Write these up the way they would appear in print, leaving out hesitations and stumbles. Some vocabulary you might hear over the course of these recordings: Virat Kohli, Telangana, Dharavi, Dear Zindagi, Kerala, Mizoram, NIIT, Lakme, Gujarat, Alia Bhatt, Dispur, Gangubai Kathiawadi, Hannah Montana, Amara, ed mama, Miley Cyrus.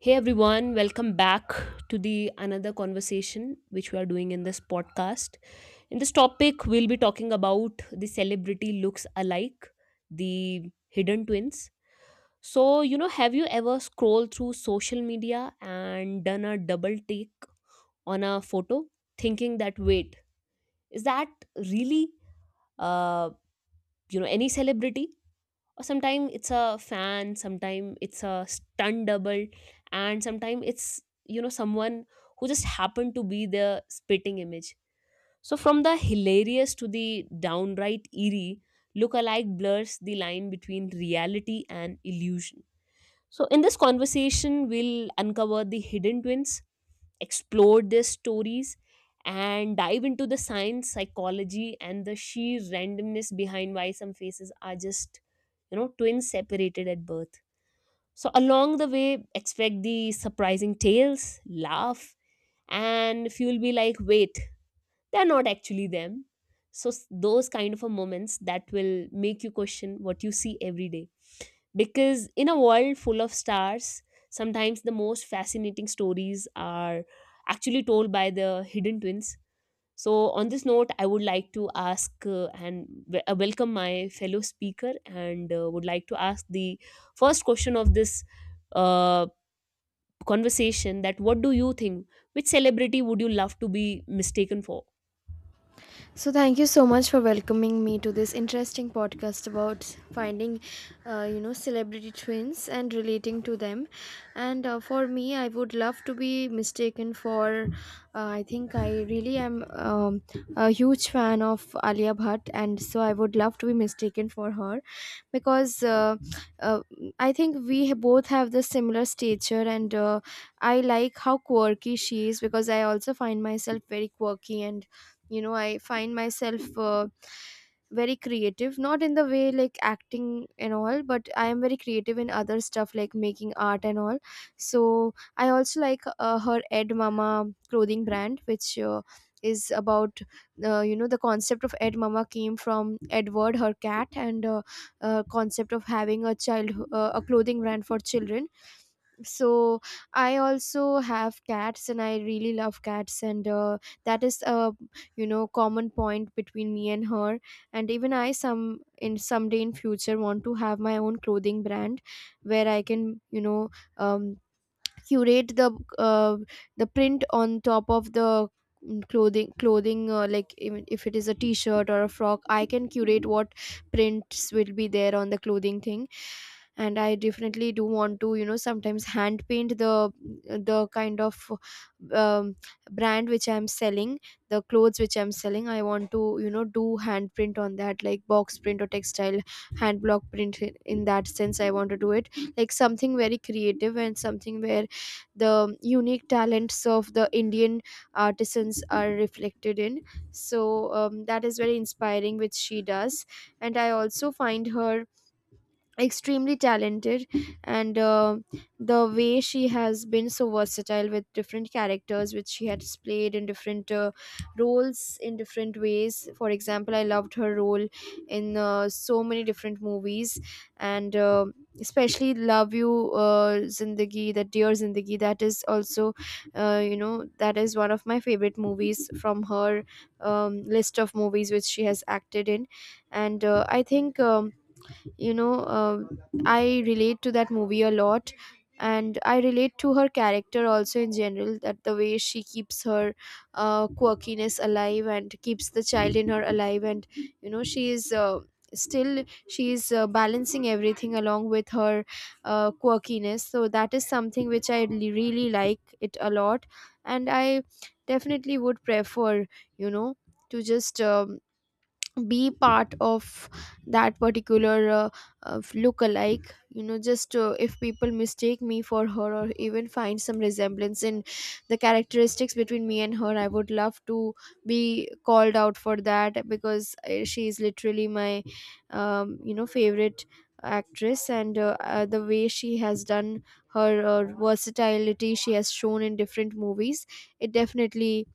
Hey everyone, welcome back to the another conversation which we are doing in this podcast. In this topic, we'll be talking about the celebrity looks alike, the hidden twins. So, have you ever scrolled through social media and done a double take on a photo, thinking that wait, is that really uh, any celebrity? Or sometimes it's a fan, sometimes it's a stunt double, and sometimes it's someone who just happened to be the spitting image. So from the hilarious to the downright eerie, look-alike blurs the line between reality and illusion. So in this conversation we'll uncover the hidden twins, explore their stories, and dive into the science, psychology, and the sheer randomness behind why some faces are just, twins separated at birth. So along the way expect the surprising tales, laugh, and if you'll be like, wait, they're not actually them. So those kind of a moments that will make you question what you see every day, because in a world full of stars, sometimes the most fascinating stories are actually told by the hidden twins. So, on this note, I would like to ask welcome my fellow speaker and would like to ask the first question of this uh, conversation, that what do you think? Which celebrity would you love to be mistaken for? So, thank you so much for welcoming me to this interesting podcast about finding, celebrity twins and relating to them. And for me, I would love to be mistaken for, I think I really am a huge fan of Alia Bhatt, and so I would love to be mistaken for her because uh, I think both have the similar stature, and I like how quirky she is because I also find myself very quirky, and you know, I find myself. Very creative, not in the way like acting and all, but I am very creative in other stuff like making art and all. So I also like her ed mama clothing brand, which is about you know, the concept of ed mama came from Edward, her cat, and concept of having a child, a clothing brand for children. So I also have cats and I really love cats, and that is a, you know, common point between me and her. And even I someday in future want to have my own clothing brand where I can, you know, um, curate uh, the print on top of the clothing, like even if it is a t-shirt or a frock, I can curate what prints will be there on the clothing thing. And I definitely do want to, you know, sometimes hand paint the kind of, um, brand which I'm selling, the clothes which I'm selling. I want to, you know, do hand print on that, like box print or textile hand block print, in that sense I want to do it. Like something very creative and something where the unique talents of the Indian artisans are reflected in. So that is very inspiring, which she does. And I also find her extremely talented, and the way she has been so versatile with different characters which she has played in different roles in different ways. For example, I loved her role in so many different movies, and especially love you zindagi, that Dear Zindagi, that is also, you know, that is one of my favorite movies from her list of movies which she has acted in. And I think, you know uh, I relate to that movie a lot, and I relate to her character also in general, that the way she keeps her quirkiness alive and keeps the child in her alive. And you know, she is balancing everything along with her quirkiness. So that is something which I really really like it a lot. And I definitely would prefer, you know, to just be part of that particular look-alike, you know, just if people mistake me for her or even find some resemblance in the characteristics between me and her, I would love to be called out for that because she is literally my, you know, favorite actress. And the way she has done her versatility she has shown in different movies, it definitely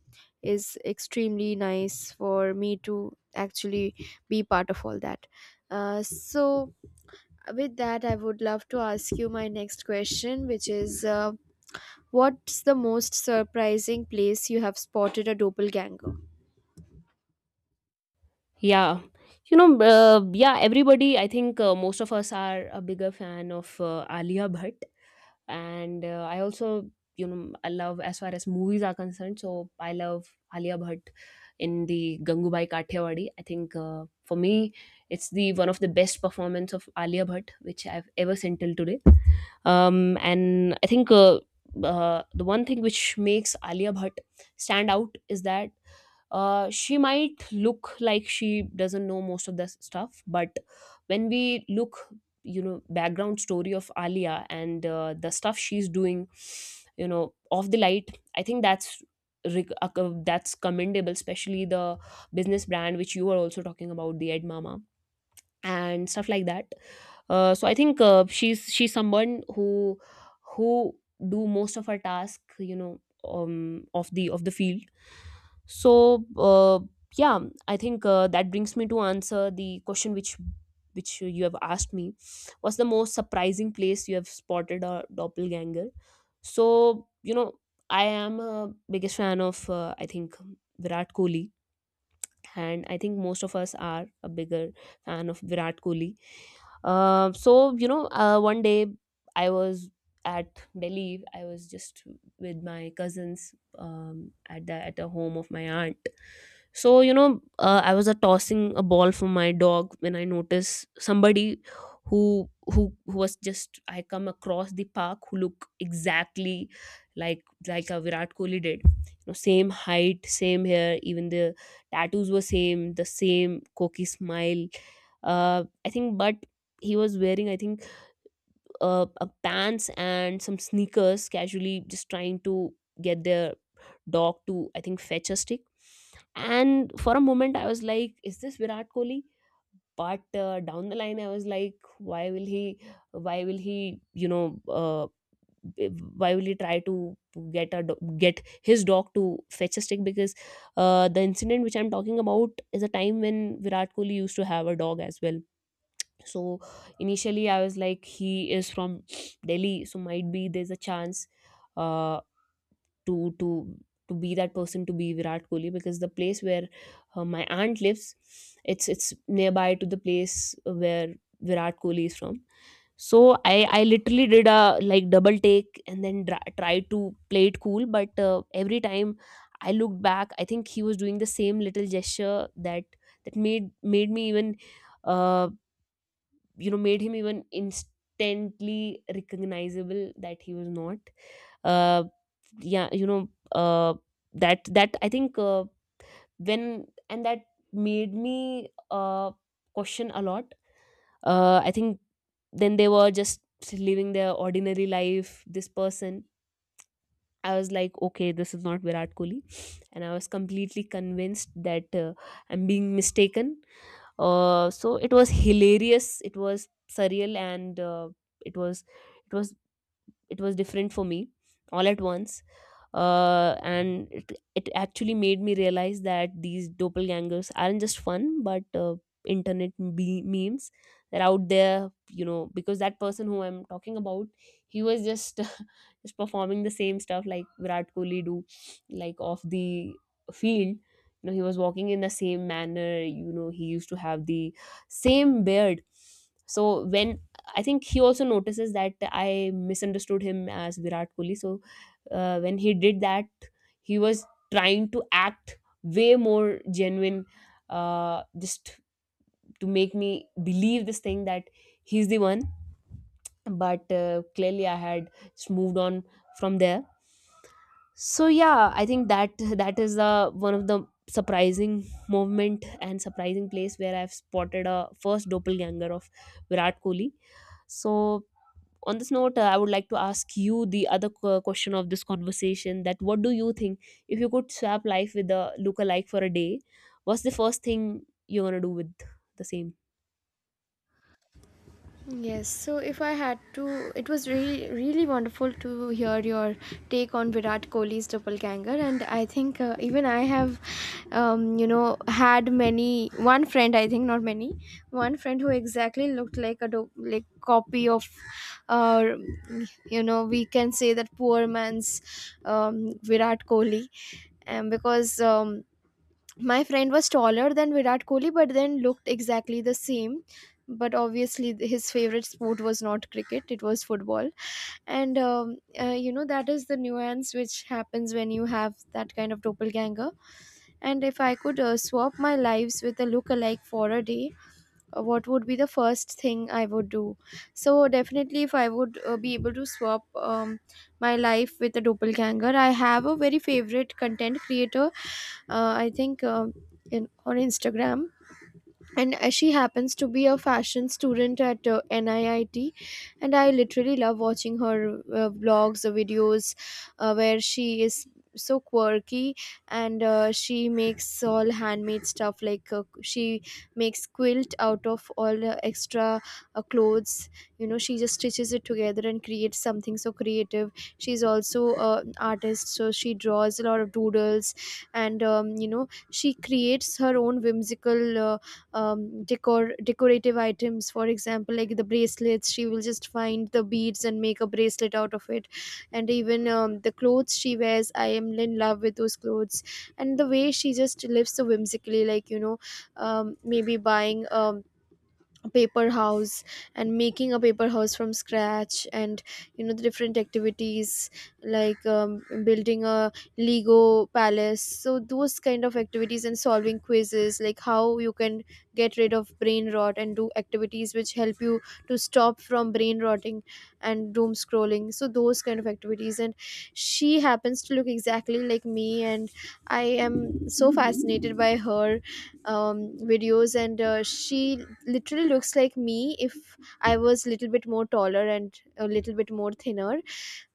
is extremely nice for me to actually be part of all that. So, with that, I would love to ask you my next question, which is, what's the most surprising place you have spotted a doppelganger? Yeah, yeah, everybody, I think most of us are a bigger fan of Alia Bhatt. And I also, I love as far as movies are concerned. So I love Alia Bhatt in the Gangubai Kathiawadi. I think for me it's the one of the best performance of Alia Bhatt which I've ever seen till today. And I think the one thing which makes Alia Bhatt stand out is that she might look like she doesn't know most of the stuff, but when we look, background story of Alia and the stuff she's doing, off the light, I think that's reg- uh, that's commendable, especially the business brand which you were also talking about, the Edmama and stuff like that. So I think she's someone who who do most of her task, of the field. So yeah, I think that brings me to answer the question which you have asked me. What's the most surprising place you have spotted a doppelganger? So you know, I am a biggest fan of I think Virat Kohli, and I think most of us are a bigger fan of Virat Kohli. So you know, one day I was at Delhi. I was just with my cousins at the home of my aunt. So you know, I was tossing a ball for my dog when I noticed somebody who was just, I come across the park, who look exactly like a Virat Kohli did. You know, same height, same hair, even the tattoos were same, the same cocky smile, I think. But he was wearing, I think a pants and some sneakers, casually just trying to get their dog to, I think fetch a stick. And for a moment I was like, is this Virat Kohli? But down the line I was like, why will he, why will he you know uh, why will he try to get his dog to fetch a stick, because the incident which I'm talking about is a time when Virat Kohli used to have a dog as well. So initially I was like, he is from Delhi, so might be there's a chance uh to to to be that person, to be Virat Kohli, because the place where my aunt lives, it's nearby to the place where Virat Kohli is from. So I literally did a like double take and then tried to play it cool, but every time I looked back, I think he was doing the same little gesture that made me even, um made him even instantly recognizable that he was not, uh yeah you know that that I think when and that made me question a lot. I think Then they were just living their ordinary life, this person. I was like, okay, this is not Virat Kohli. And I was completely convinced that I'm being mistaken. So it was hilarious. It was surreal, and it was it was it was different for me all at once. And it actually made me realize that these doppelgangers aren't just fun, but internet memes that are out there, you know, because that person who I'm talking about, he was just just performing the same stuff like Virat Kohli do, like off the field. You know, he was walking in the same manner, you know, he used to have the same beard. So when, I think he also notices that I misunderstood him as Virat Kohli. So when he did that, he was trying to act way more genuine, just to make me believe this thing, that he's the one. But clearly I had just moved on from there. So yeah, I think that that is the one of the surprising movement and surprising place where I've spotted a first doppelganger of Virat Kohli. So on this note, I would like to ask you the other question of this conversation, that what do you think, if you could swap life with a lookalike for a day, what's the first thing you're gonna do with the same? Yes, so if I had to, it was really, really wonderful to hear your take on Virat Kohli's doppelganger, and I think even I have, you know, had many one friend. I think not many, one friend who exactly looked like a like copy of, uh, you know, we can say that poor man's, Virat Kohli, and because. My friend was taller than Virat Kohli, but then looked exactly the same. But obviously, his favorite sport was not cricket; it was football. And you know, that is the nuance which happens when you have that kind of doppelganger. And if I could swap my lives with a look-alike for a day, what would be the first thing I would do? So definitely, if I would be able to swap my life with a doppelganger, I have a very favorite content creator. I think On Instagram, and she happens to be a fashion student at NIIT, and I literally love watching her vlogs, videos where she is so quirky. And she makes all handmade stuff, like she makes quilt out of all extra clothes. You know, she just stitches it together and creates something so creative. She's also an artist, so she draws a lot of doodles. And you know, she creates her own whimsical decorative items. For example, like the bracelets, she will just find the beads and make a bracelet out of it. And even the clothes she wears, I am in love with those clothes. And the way she just lives so whimsically, like, you know, maybe buying, paper house, and making a paper house from scratch, and you know, the different activities like, building a Lego palace, so those kind of activities. And solving quizzes, like how you can get rid of brain rot and do activities which help you to stop from brain rotting and doom scrolling, so those kind of activities. And she happens to look exactly like me, and I am so fascinated by her videos. And she literally looks like me if I was a little bit more taller and a little bit more thinner.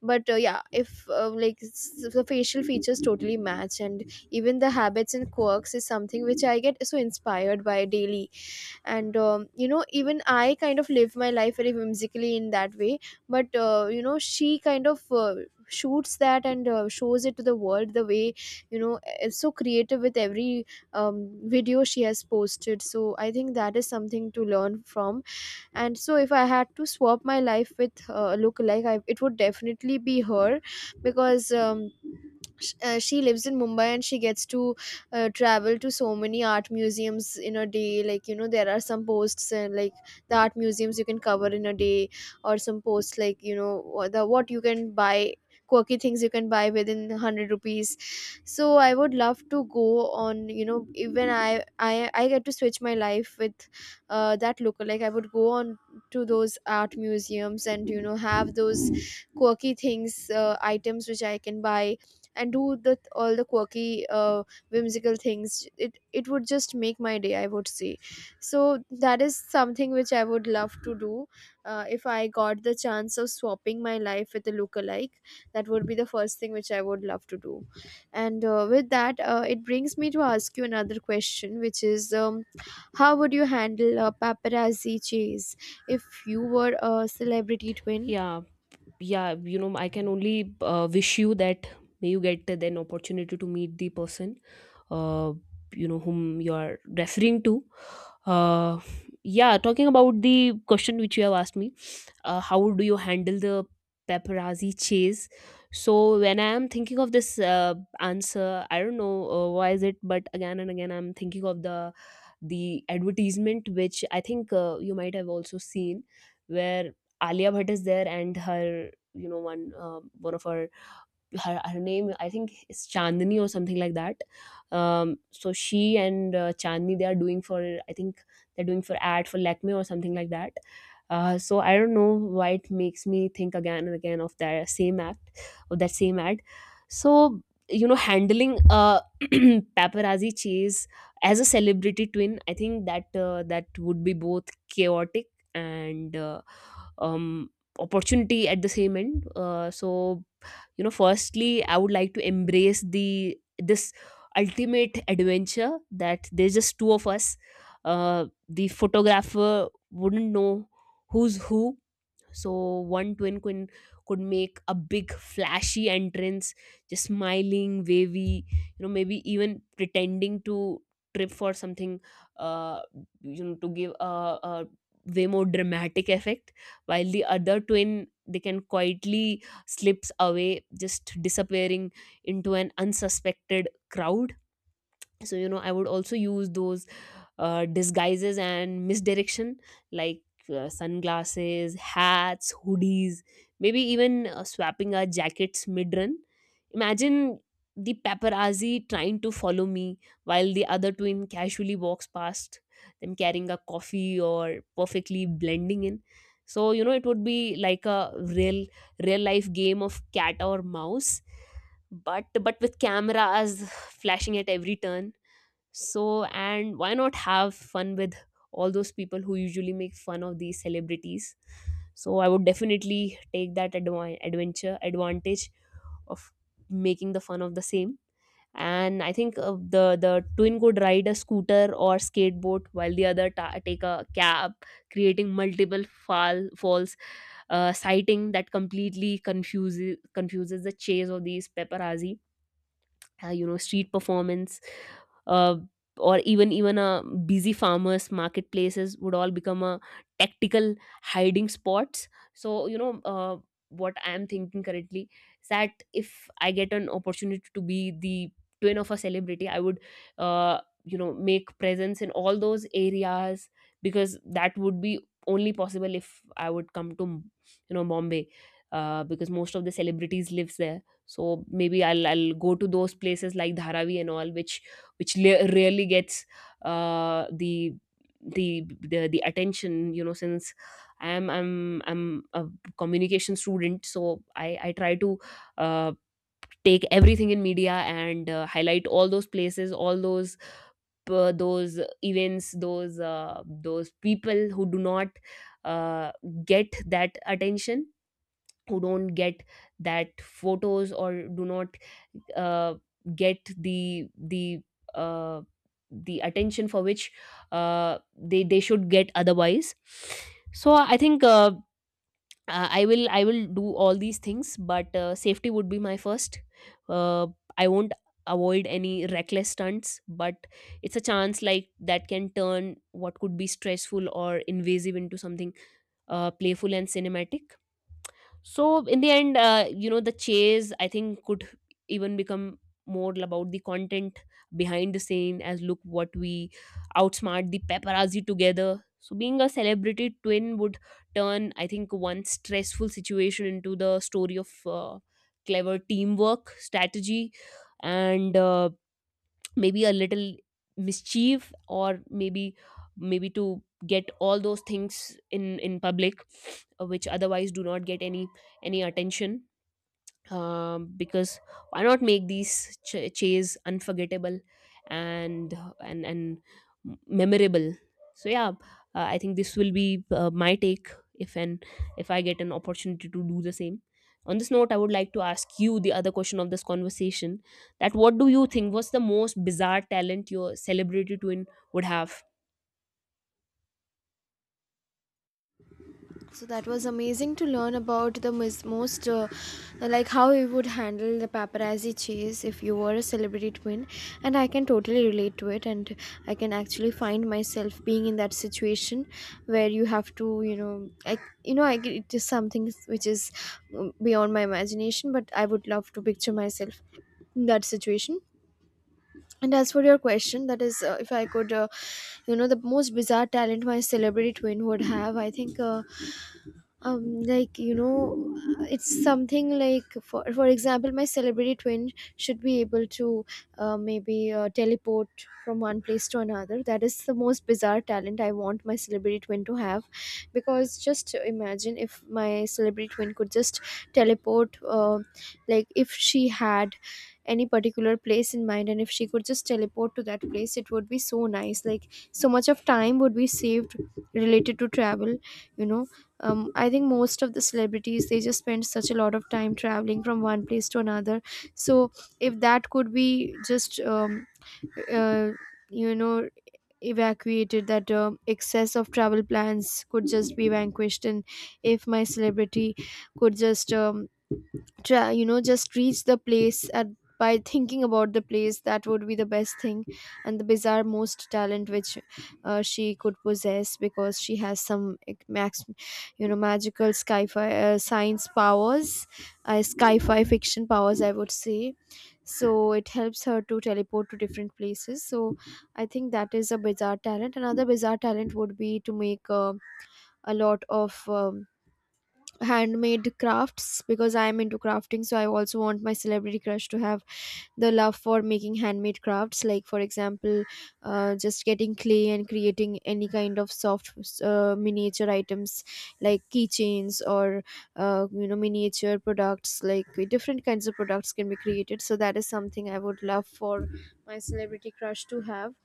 But yeah, if like the facial features totally match, and even the habits and quirks is something which I get so inspired by daily. And you know, even I kind of live my life very whimsically in that way. But you know, she kind of shoots that and shows it to the world, the way, you know, is so creative with every video she has posted. So I think that is something to learn from. And so if I had to swap my life with look like I, it would definitely be her because she lives in Mumbai and she gets to travel to so many art museums in a day. Like, you know, there are some posts, and like the art museums you can cover in a day, or some posts like, you know, wha- the what you can buy, quirky things you can buy within 100 rupees. So I would love to go on, you know, even I get to switch my life with that lookalike, I would go on to those art museums and you know, have those quirky things, items which I can buy, and do the all the quirky, whimsical things. It would just make my day, I would say. So that is something which I would love to do. If I got the chance of swapping my life with a lookalike, that would be the first thing which I would love to do. And with that, it brings me to ask you another question, which is. How would you handle a paparazzi chase if you were a celebrity twin? Yeah, yeah, you know, I can only wish you that may you get an opportunity to meet the person, uh, whom you are referring to. Uh, yeah, talking about the question which you have asked me. How do you handle the paparazzi chase? So when I am thinking of this, answer, I don't know why is it, but again and again I'm thinking of the advertisement which, I think you might have also seen, where Alia Bhatt is there and her, you know one uh, one of her, name I think is Chandni or something like that. So she and Chandni, they are doing for, I think they're doing for ad for Lakme or something like that. So I don't know why it makes me think again and again of that same act, of that same ad. So you know, handling a paparazzi chase as a celebrity twin, I think that that would be both chaotic and um, opportunity at the same end. So you know, firstly I would like to embrace the this ultimate adventure, that there's just two of us. The photographer wouldn't know who's who. So one twin could make a big flashy entrance, just smiling, wavy, you know, maybe even pretending to trip for something, uh, to give a way more dramatic effect. While the other twin, they can quietly slips away, just disappearing into an unsuspected crowd. So you know, I would also use those disguises and misdirection, like sunglasses, hats, hoodies, maybe even swapping our jackets mid-run. Imagine the paparazzi trying to follow me while the other twin casually walks past them carrying a coffee, or perfectly blending in. So you know, it would be like a real real life game of cat or mouse, but with cameras flashing at every turn. So, and why not have fun with all those people who usually make fun of these celebrities? So, I would definitely take that adventure advantage of making the fun of the same. And I think the twin could ride a scooter or skateboard while the other take a cab, creating multiple falls, sighting that completely confuses the chase of these paparazzi. You know, street performance, uh, or even a busy farmers marketplaces would all become a tactical hiding spots. So you know, what I am thinking currently is that if I get an opportunity to be the twin of a celebrity, I would uh, make presence in all those areas, because that would be only possible if I would come to, you know, Bombay, because most of the celebrities lives there. So maybe I'll go to those places like Dharavi and all, which really gets the the attention. You know, since I'm a communication student, so I try to uh, take everything in media and highlight all those places, all those events, those people who do not uh, get that attention, who don't get that photos, or do not uh, get the uh, the attention for which they should get otherwise. So I think I will do all these things, but safety would be my first. uh, I won't avoid any reckless stunts, but it's a chance like that can turn what could be stressful or invasive into something playful and cinematic. So in the end, the chase, I think, could even become more about the content behind the scene as look what we outsmart the paparazzi together. So being a celebrity twin would turn, I think, one stressful situation into the story of clever teamwork strategy and maybe a little mischief, or maybe to get all those things in public, which otherwise do not get any attention. Because why not make these chase unforgettable and and memorable? So yeah, I think this will be my take if an, if I get an opportunity to do the same. On this note, I would like to ask you the other question of this conversation: that what do you think was the most bizarre talent your celebrity twin would have? So that was amazing to learn about the most, like how you would handle the paparazzi chase if you were a celebrity twin. And I can totally relate to it, and I can actually find myself being in that situation where you have to, you know, I it is something which is beyond my imagination, but I would love to picture myself in that situation. And as for your question, that is, if I could, you know, the most bizarre talent my celebrity twin would have, I think like you know, it's something like, for example, my celebrity twin should be able to maybe teleport from one place to another. That is the most bizarre talent I want my celebrity twin to have, because just imagine if my celebrity twin could just teleport, like if she had any particular place in mind, and if she could just teleport to that place, it would be so nice. Like so much of time would be saved related to travel, you know. I think most of the celebrities, they just spend such a lot of time traveling from one place to another. So if that could be just, uh, you know, evacuated, that excess of travel plans could just be vanquished. And if my celebrity could just, try, you know, just reach the place at by thinking about the place, that would be the best thing. And the bizarre most talent which she could possess, because she has some max magical sci-fi science powers, sci-fi fiction powers, I would say. So it helps her to teleport to different places. So I think that is a bizarre talent. Another bizarre talent would be to make a lot of handmade crafts, because I am into crafting. So I also want my celebrity crush to have the love for making handmade crafts, like for example, just getting clay and creating any kind of soft miniature items, like keychains or miniature products, like different kinds of products can be created. So that is something I would love for my celebrity crush to have.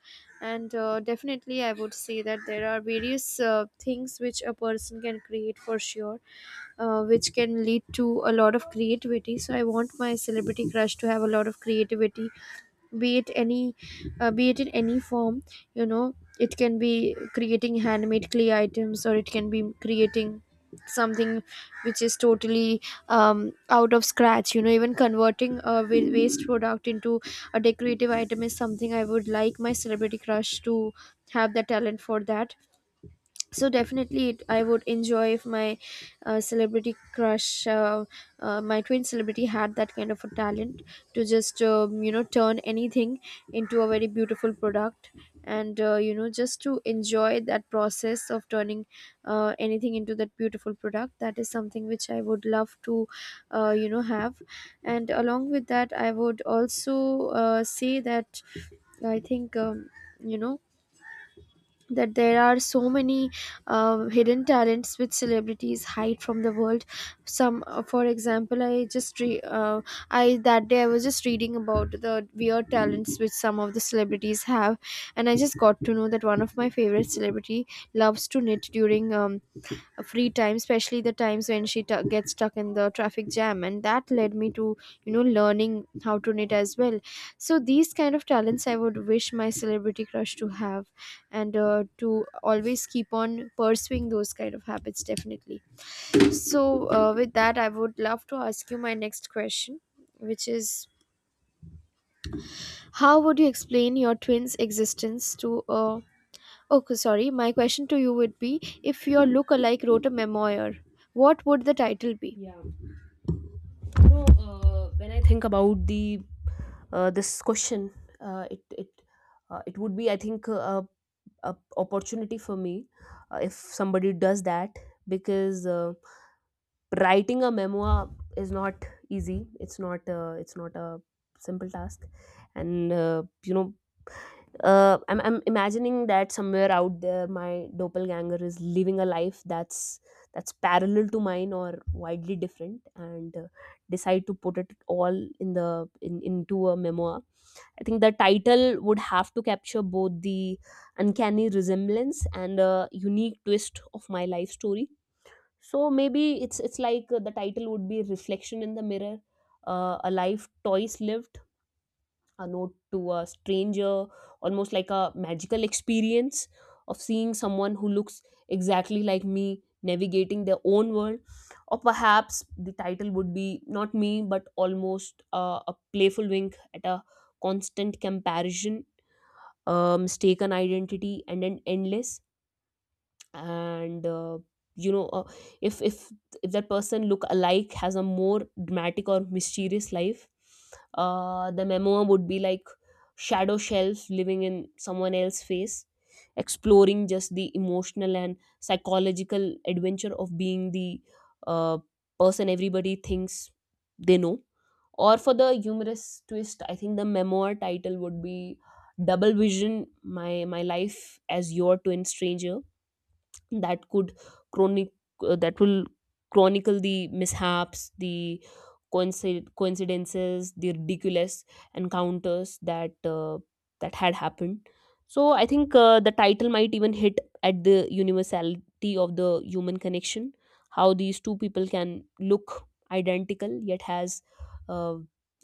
And definitely, I would say that there are various things which a person can create for sure, which can lead to a lot of creativity. So I want my celebrity crush to have a lot of creativity, be it any, be it in any form, you know it can be creating handmade clay items, or it can be creating something which is totally out of scratch. Even converting a waste product into a decorative item is something I would like my celebrity crush to have the talent for. That, so definitely I would enjoy if my celebrity crush, my twin celebrity, had that kind of a talent to just turn anything into a very beautiful product, and just to enjoy that process of turning anything into that beautiful product. That is something which I would love to have. And along with that, I would also say that I think you know that there are so many hidden talents which celebrities hide from the world. Some, for example, I that day I was just reading about the weird talents which some of the celebrities have, and I just got to know that one of my favorite celebrity loves to knit during free time, especially the times when gets stuck in the traffic jam, and that led me to learning how to knit as well. So these kind of talents I would wish my celebrity crush to have, and to always keep on pursuing those kind of habits, definitely. So with that, I would love to ask you my next question, which is, how would you explain your twins existence to a... Okay, sorry. My question to you would be, if your look-alike wrote a memoir, what would the title be? Yeah, when I think about the this question, it it would be, I think, a opportunity for me if somebody does that. Because writing a memoir is not easy. It's not it's not a simple task. And I'm imagining that somewhere out there my doppelganger is living a life that's parallel to mine or widely different, and decide to put it all in the in, into a memoir. I think the title would have to capture both the uncanny resemblance and a unique twist of my life story. So maybe it's like, the title would be Reflection in the Mirror, A Life Twice Lived, A Note to a Stranger, almost like a magical experience of seeing someone who looks exactly like me navigating their own world. Or perhaps the title would be Not Me, But Almost, a playful wink at a constant comparison, a mistaken identity, and an endless. And you know uh, if if that person look alike has a more dramatic or mysterious life, the memoir would be like Shadow Shelf: Living in Someone Else's Face, exploring just the emotional and psychological adventure of being the uh, person everybody thinks they know. Or for the humorous twist, I think the memoir title would be Double Vision: My Life as Your Twin Stranger. That could chronic that will chronicle the mishaps, the coincidences, the ridiculous encounters that that had happened. So I think the title might even hit at the universality of the human connection, how these two people can look identical yet has uh,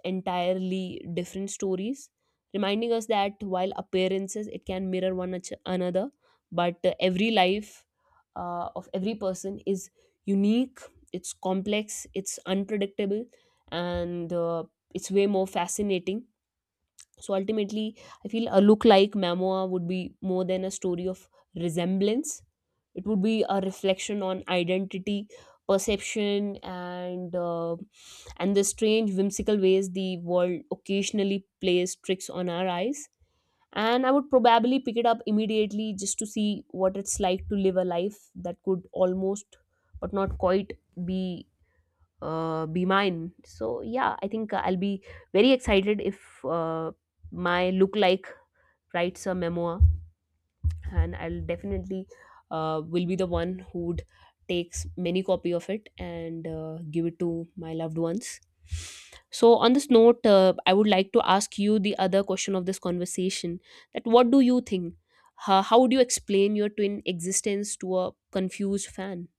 entirely different stories, reminding us that while appearances it can mirror one another, but every life of every person is unique. It's complex, it's unpredictable, and it's way more fascinating. So ultimately, I feel a look like memoir would be more than a story of resemblance. It would be a reflection on identity, perception, and the strange whimsical ways the world occasionally plays tricks on our eyes. And I would probably pick it up immediately just to see what it's like to live a life that could almost, but not quite, be be mine. So yeah, I think I'll be very excited if my look like writes a memoir, and I'll definitely will be the one who'd takes many copy of it and give it to my loved ones. So on this note, I would like to ask you the other question of this conversation: that what do you think? How would you explain your twin existence to a confused fan?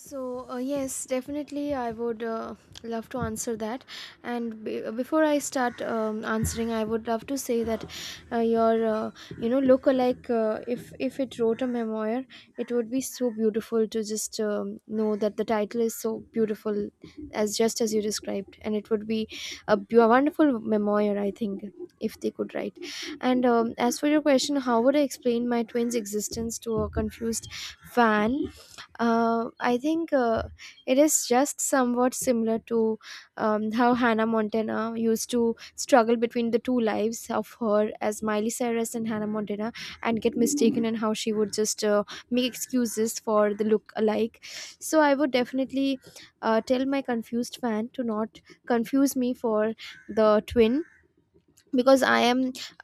So, yes, definitely, I would love to answer that. And before I start answering, I would love to say that your, look-alike, if it wrote a memoir, it would be so beautiful to just know that the title is so beautiful, as just as you described, and it would be a wonderful memoir, I think, if they could write. And as for your question, how would I explain my twins' existence to a confused fan? I think it is just somewhat similar to how Hannah Montana used to struggle between the two lives of her as Miley Cyrus and Hannah Montana, and get mistaken, and how she would just make excuses for the look alike. So, I would definitely tell my confused fan to not confuse me for the twin, because I am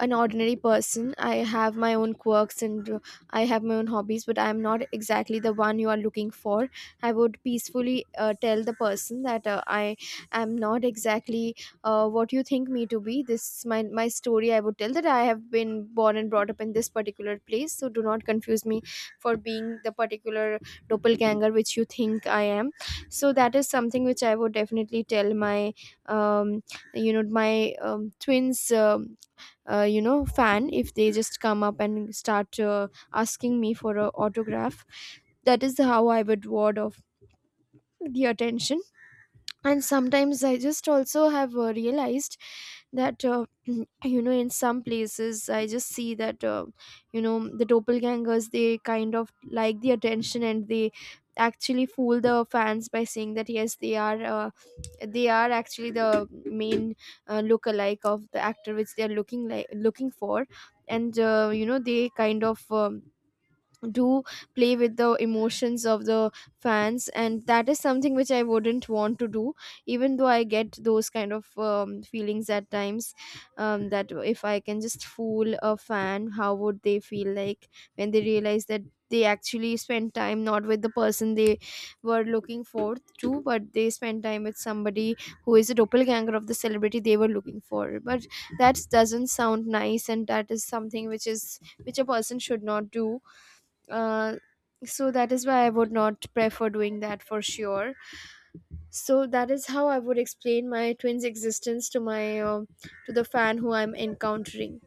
an ordinary person. I have my own quirks, and I have my own hobbies, but I'm not exactly the one you are looking for. I would peacefully tell the person that I am not exactly what you think me to be. This is my story. I would tell that I have been born and brought up in this particular place, so do not confuse me for being the particular doppelganger which you think I am. So that is something which I would definitely tell my um, my twins fan, if they just come up and start asking me for a autograph. That is how I would ward off the attention. And sometimes I just also have realized that in some places I just see that you know the doppelgangers, they kind of like the attention, and they actually fool the fans by saying that yes, they are, they are actually the main look-alike of the actor which they are looking like looking for. And they kind of do play with the emotions of the fans, and that is something which I wouldn't want to do, even though I get those kind of feelings at times, that if I can just fool a fan, how would they feel like when they realize that they actually spent time not with the person they were looking for to, but they spent time with somebody who is a doppelganger of the celebrity they were looking for. But that doesn't sound nice, and that is something which is which a person should not do, uh, so that is why I would not prefer doing that for sure. So that is how I would explain my twins' existence to my to the fan who I'm encountering.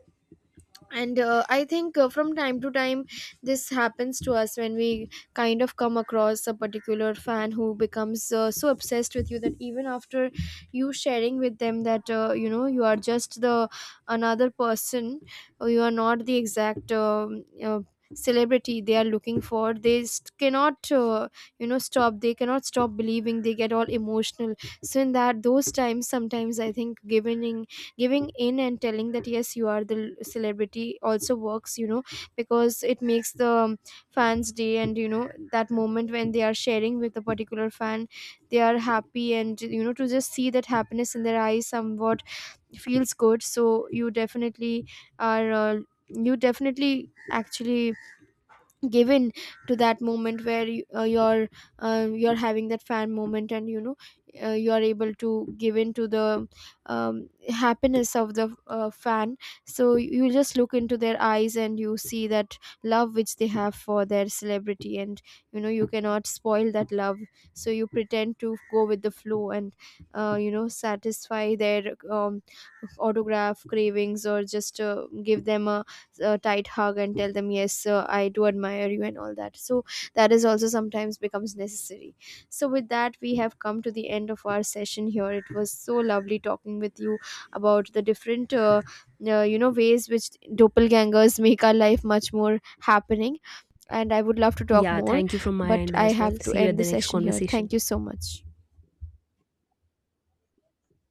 And I think from time to time this happens to us, when we kind of come across a particular fan who becomes so obsessed with you that even after you sharing with them that you are just the another person, or you are not the exact celebrity they are looking for, cannot stop, they cannot stop believing, they get all emotional. So in that those times, sometimes I think giving in and telling that yes, you are the celebrity also works, you know, because it makes the fans day, and you know, that moment when they are sharing with a particular fan, they are happy, and you know, to just see that happiness in their eyes somewhat feels good. So you definitely are, you definitely actually given to that moment where you, you're having that fan moment, and you know, you're able to give in to the happiness of the fan. So you just look into their eyes and you see that love which they have for their celebrity, and you know, you cannot spoil that love. So you pretend to go with the flow, and satisfy their autograph cravings, or just give them a tight hug and tell them yes sir, I do admire you and all that. So that is also sometimes becomes necessary. So with that, we have come to the end of our session here. It was so lovely talking with you about the different ways which doppelgangers make our life much more happening, and I would love to talk Yeah, more, thank you from my but end I as well. have See to you at end the the next session here. conversation. Thank you so much.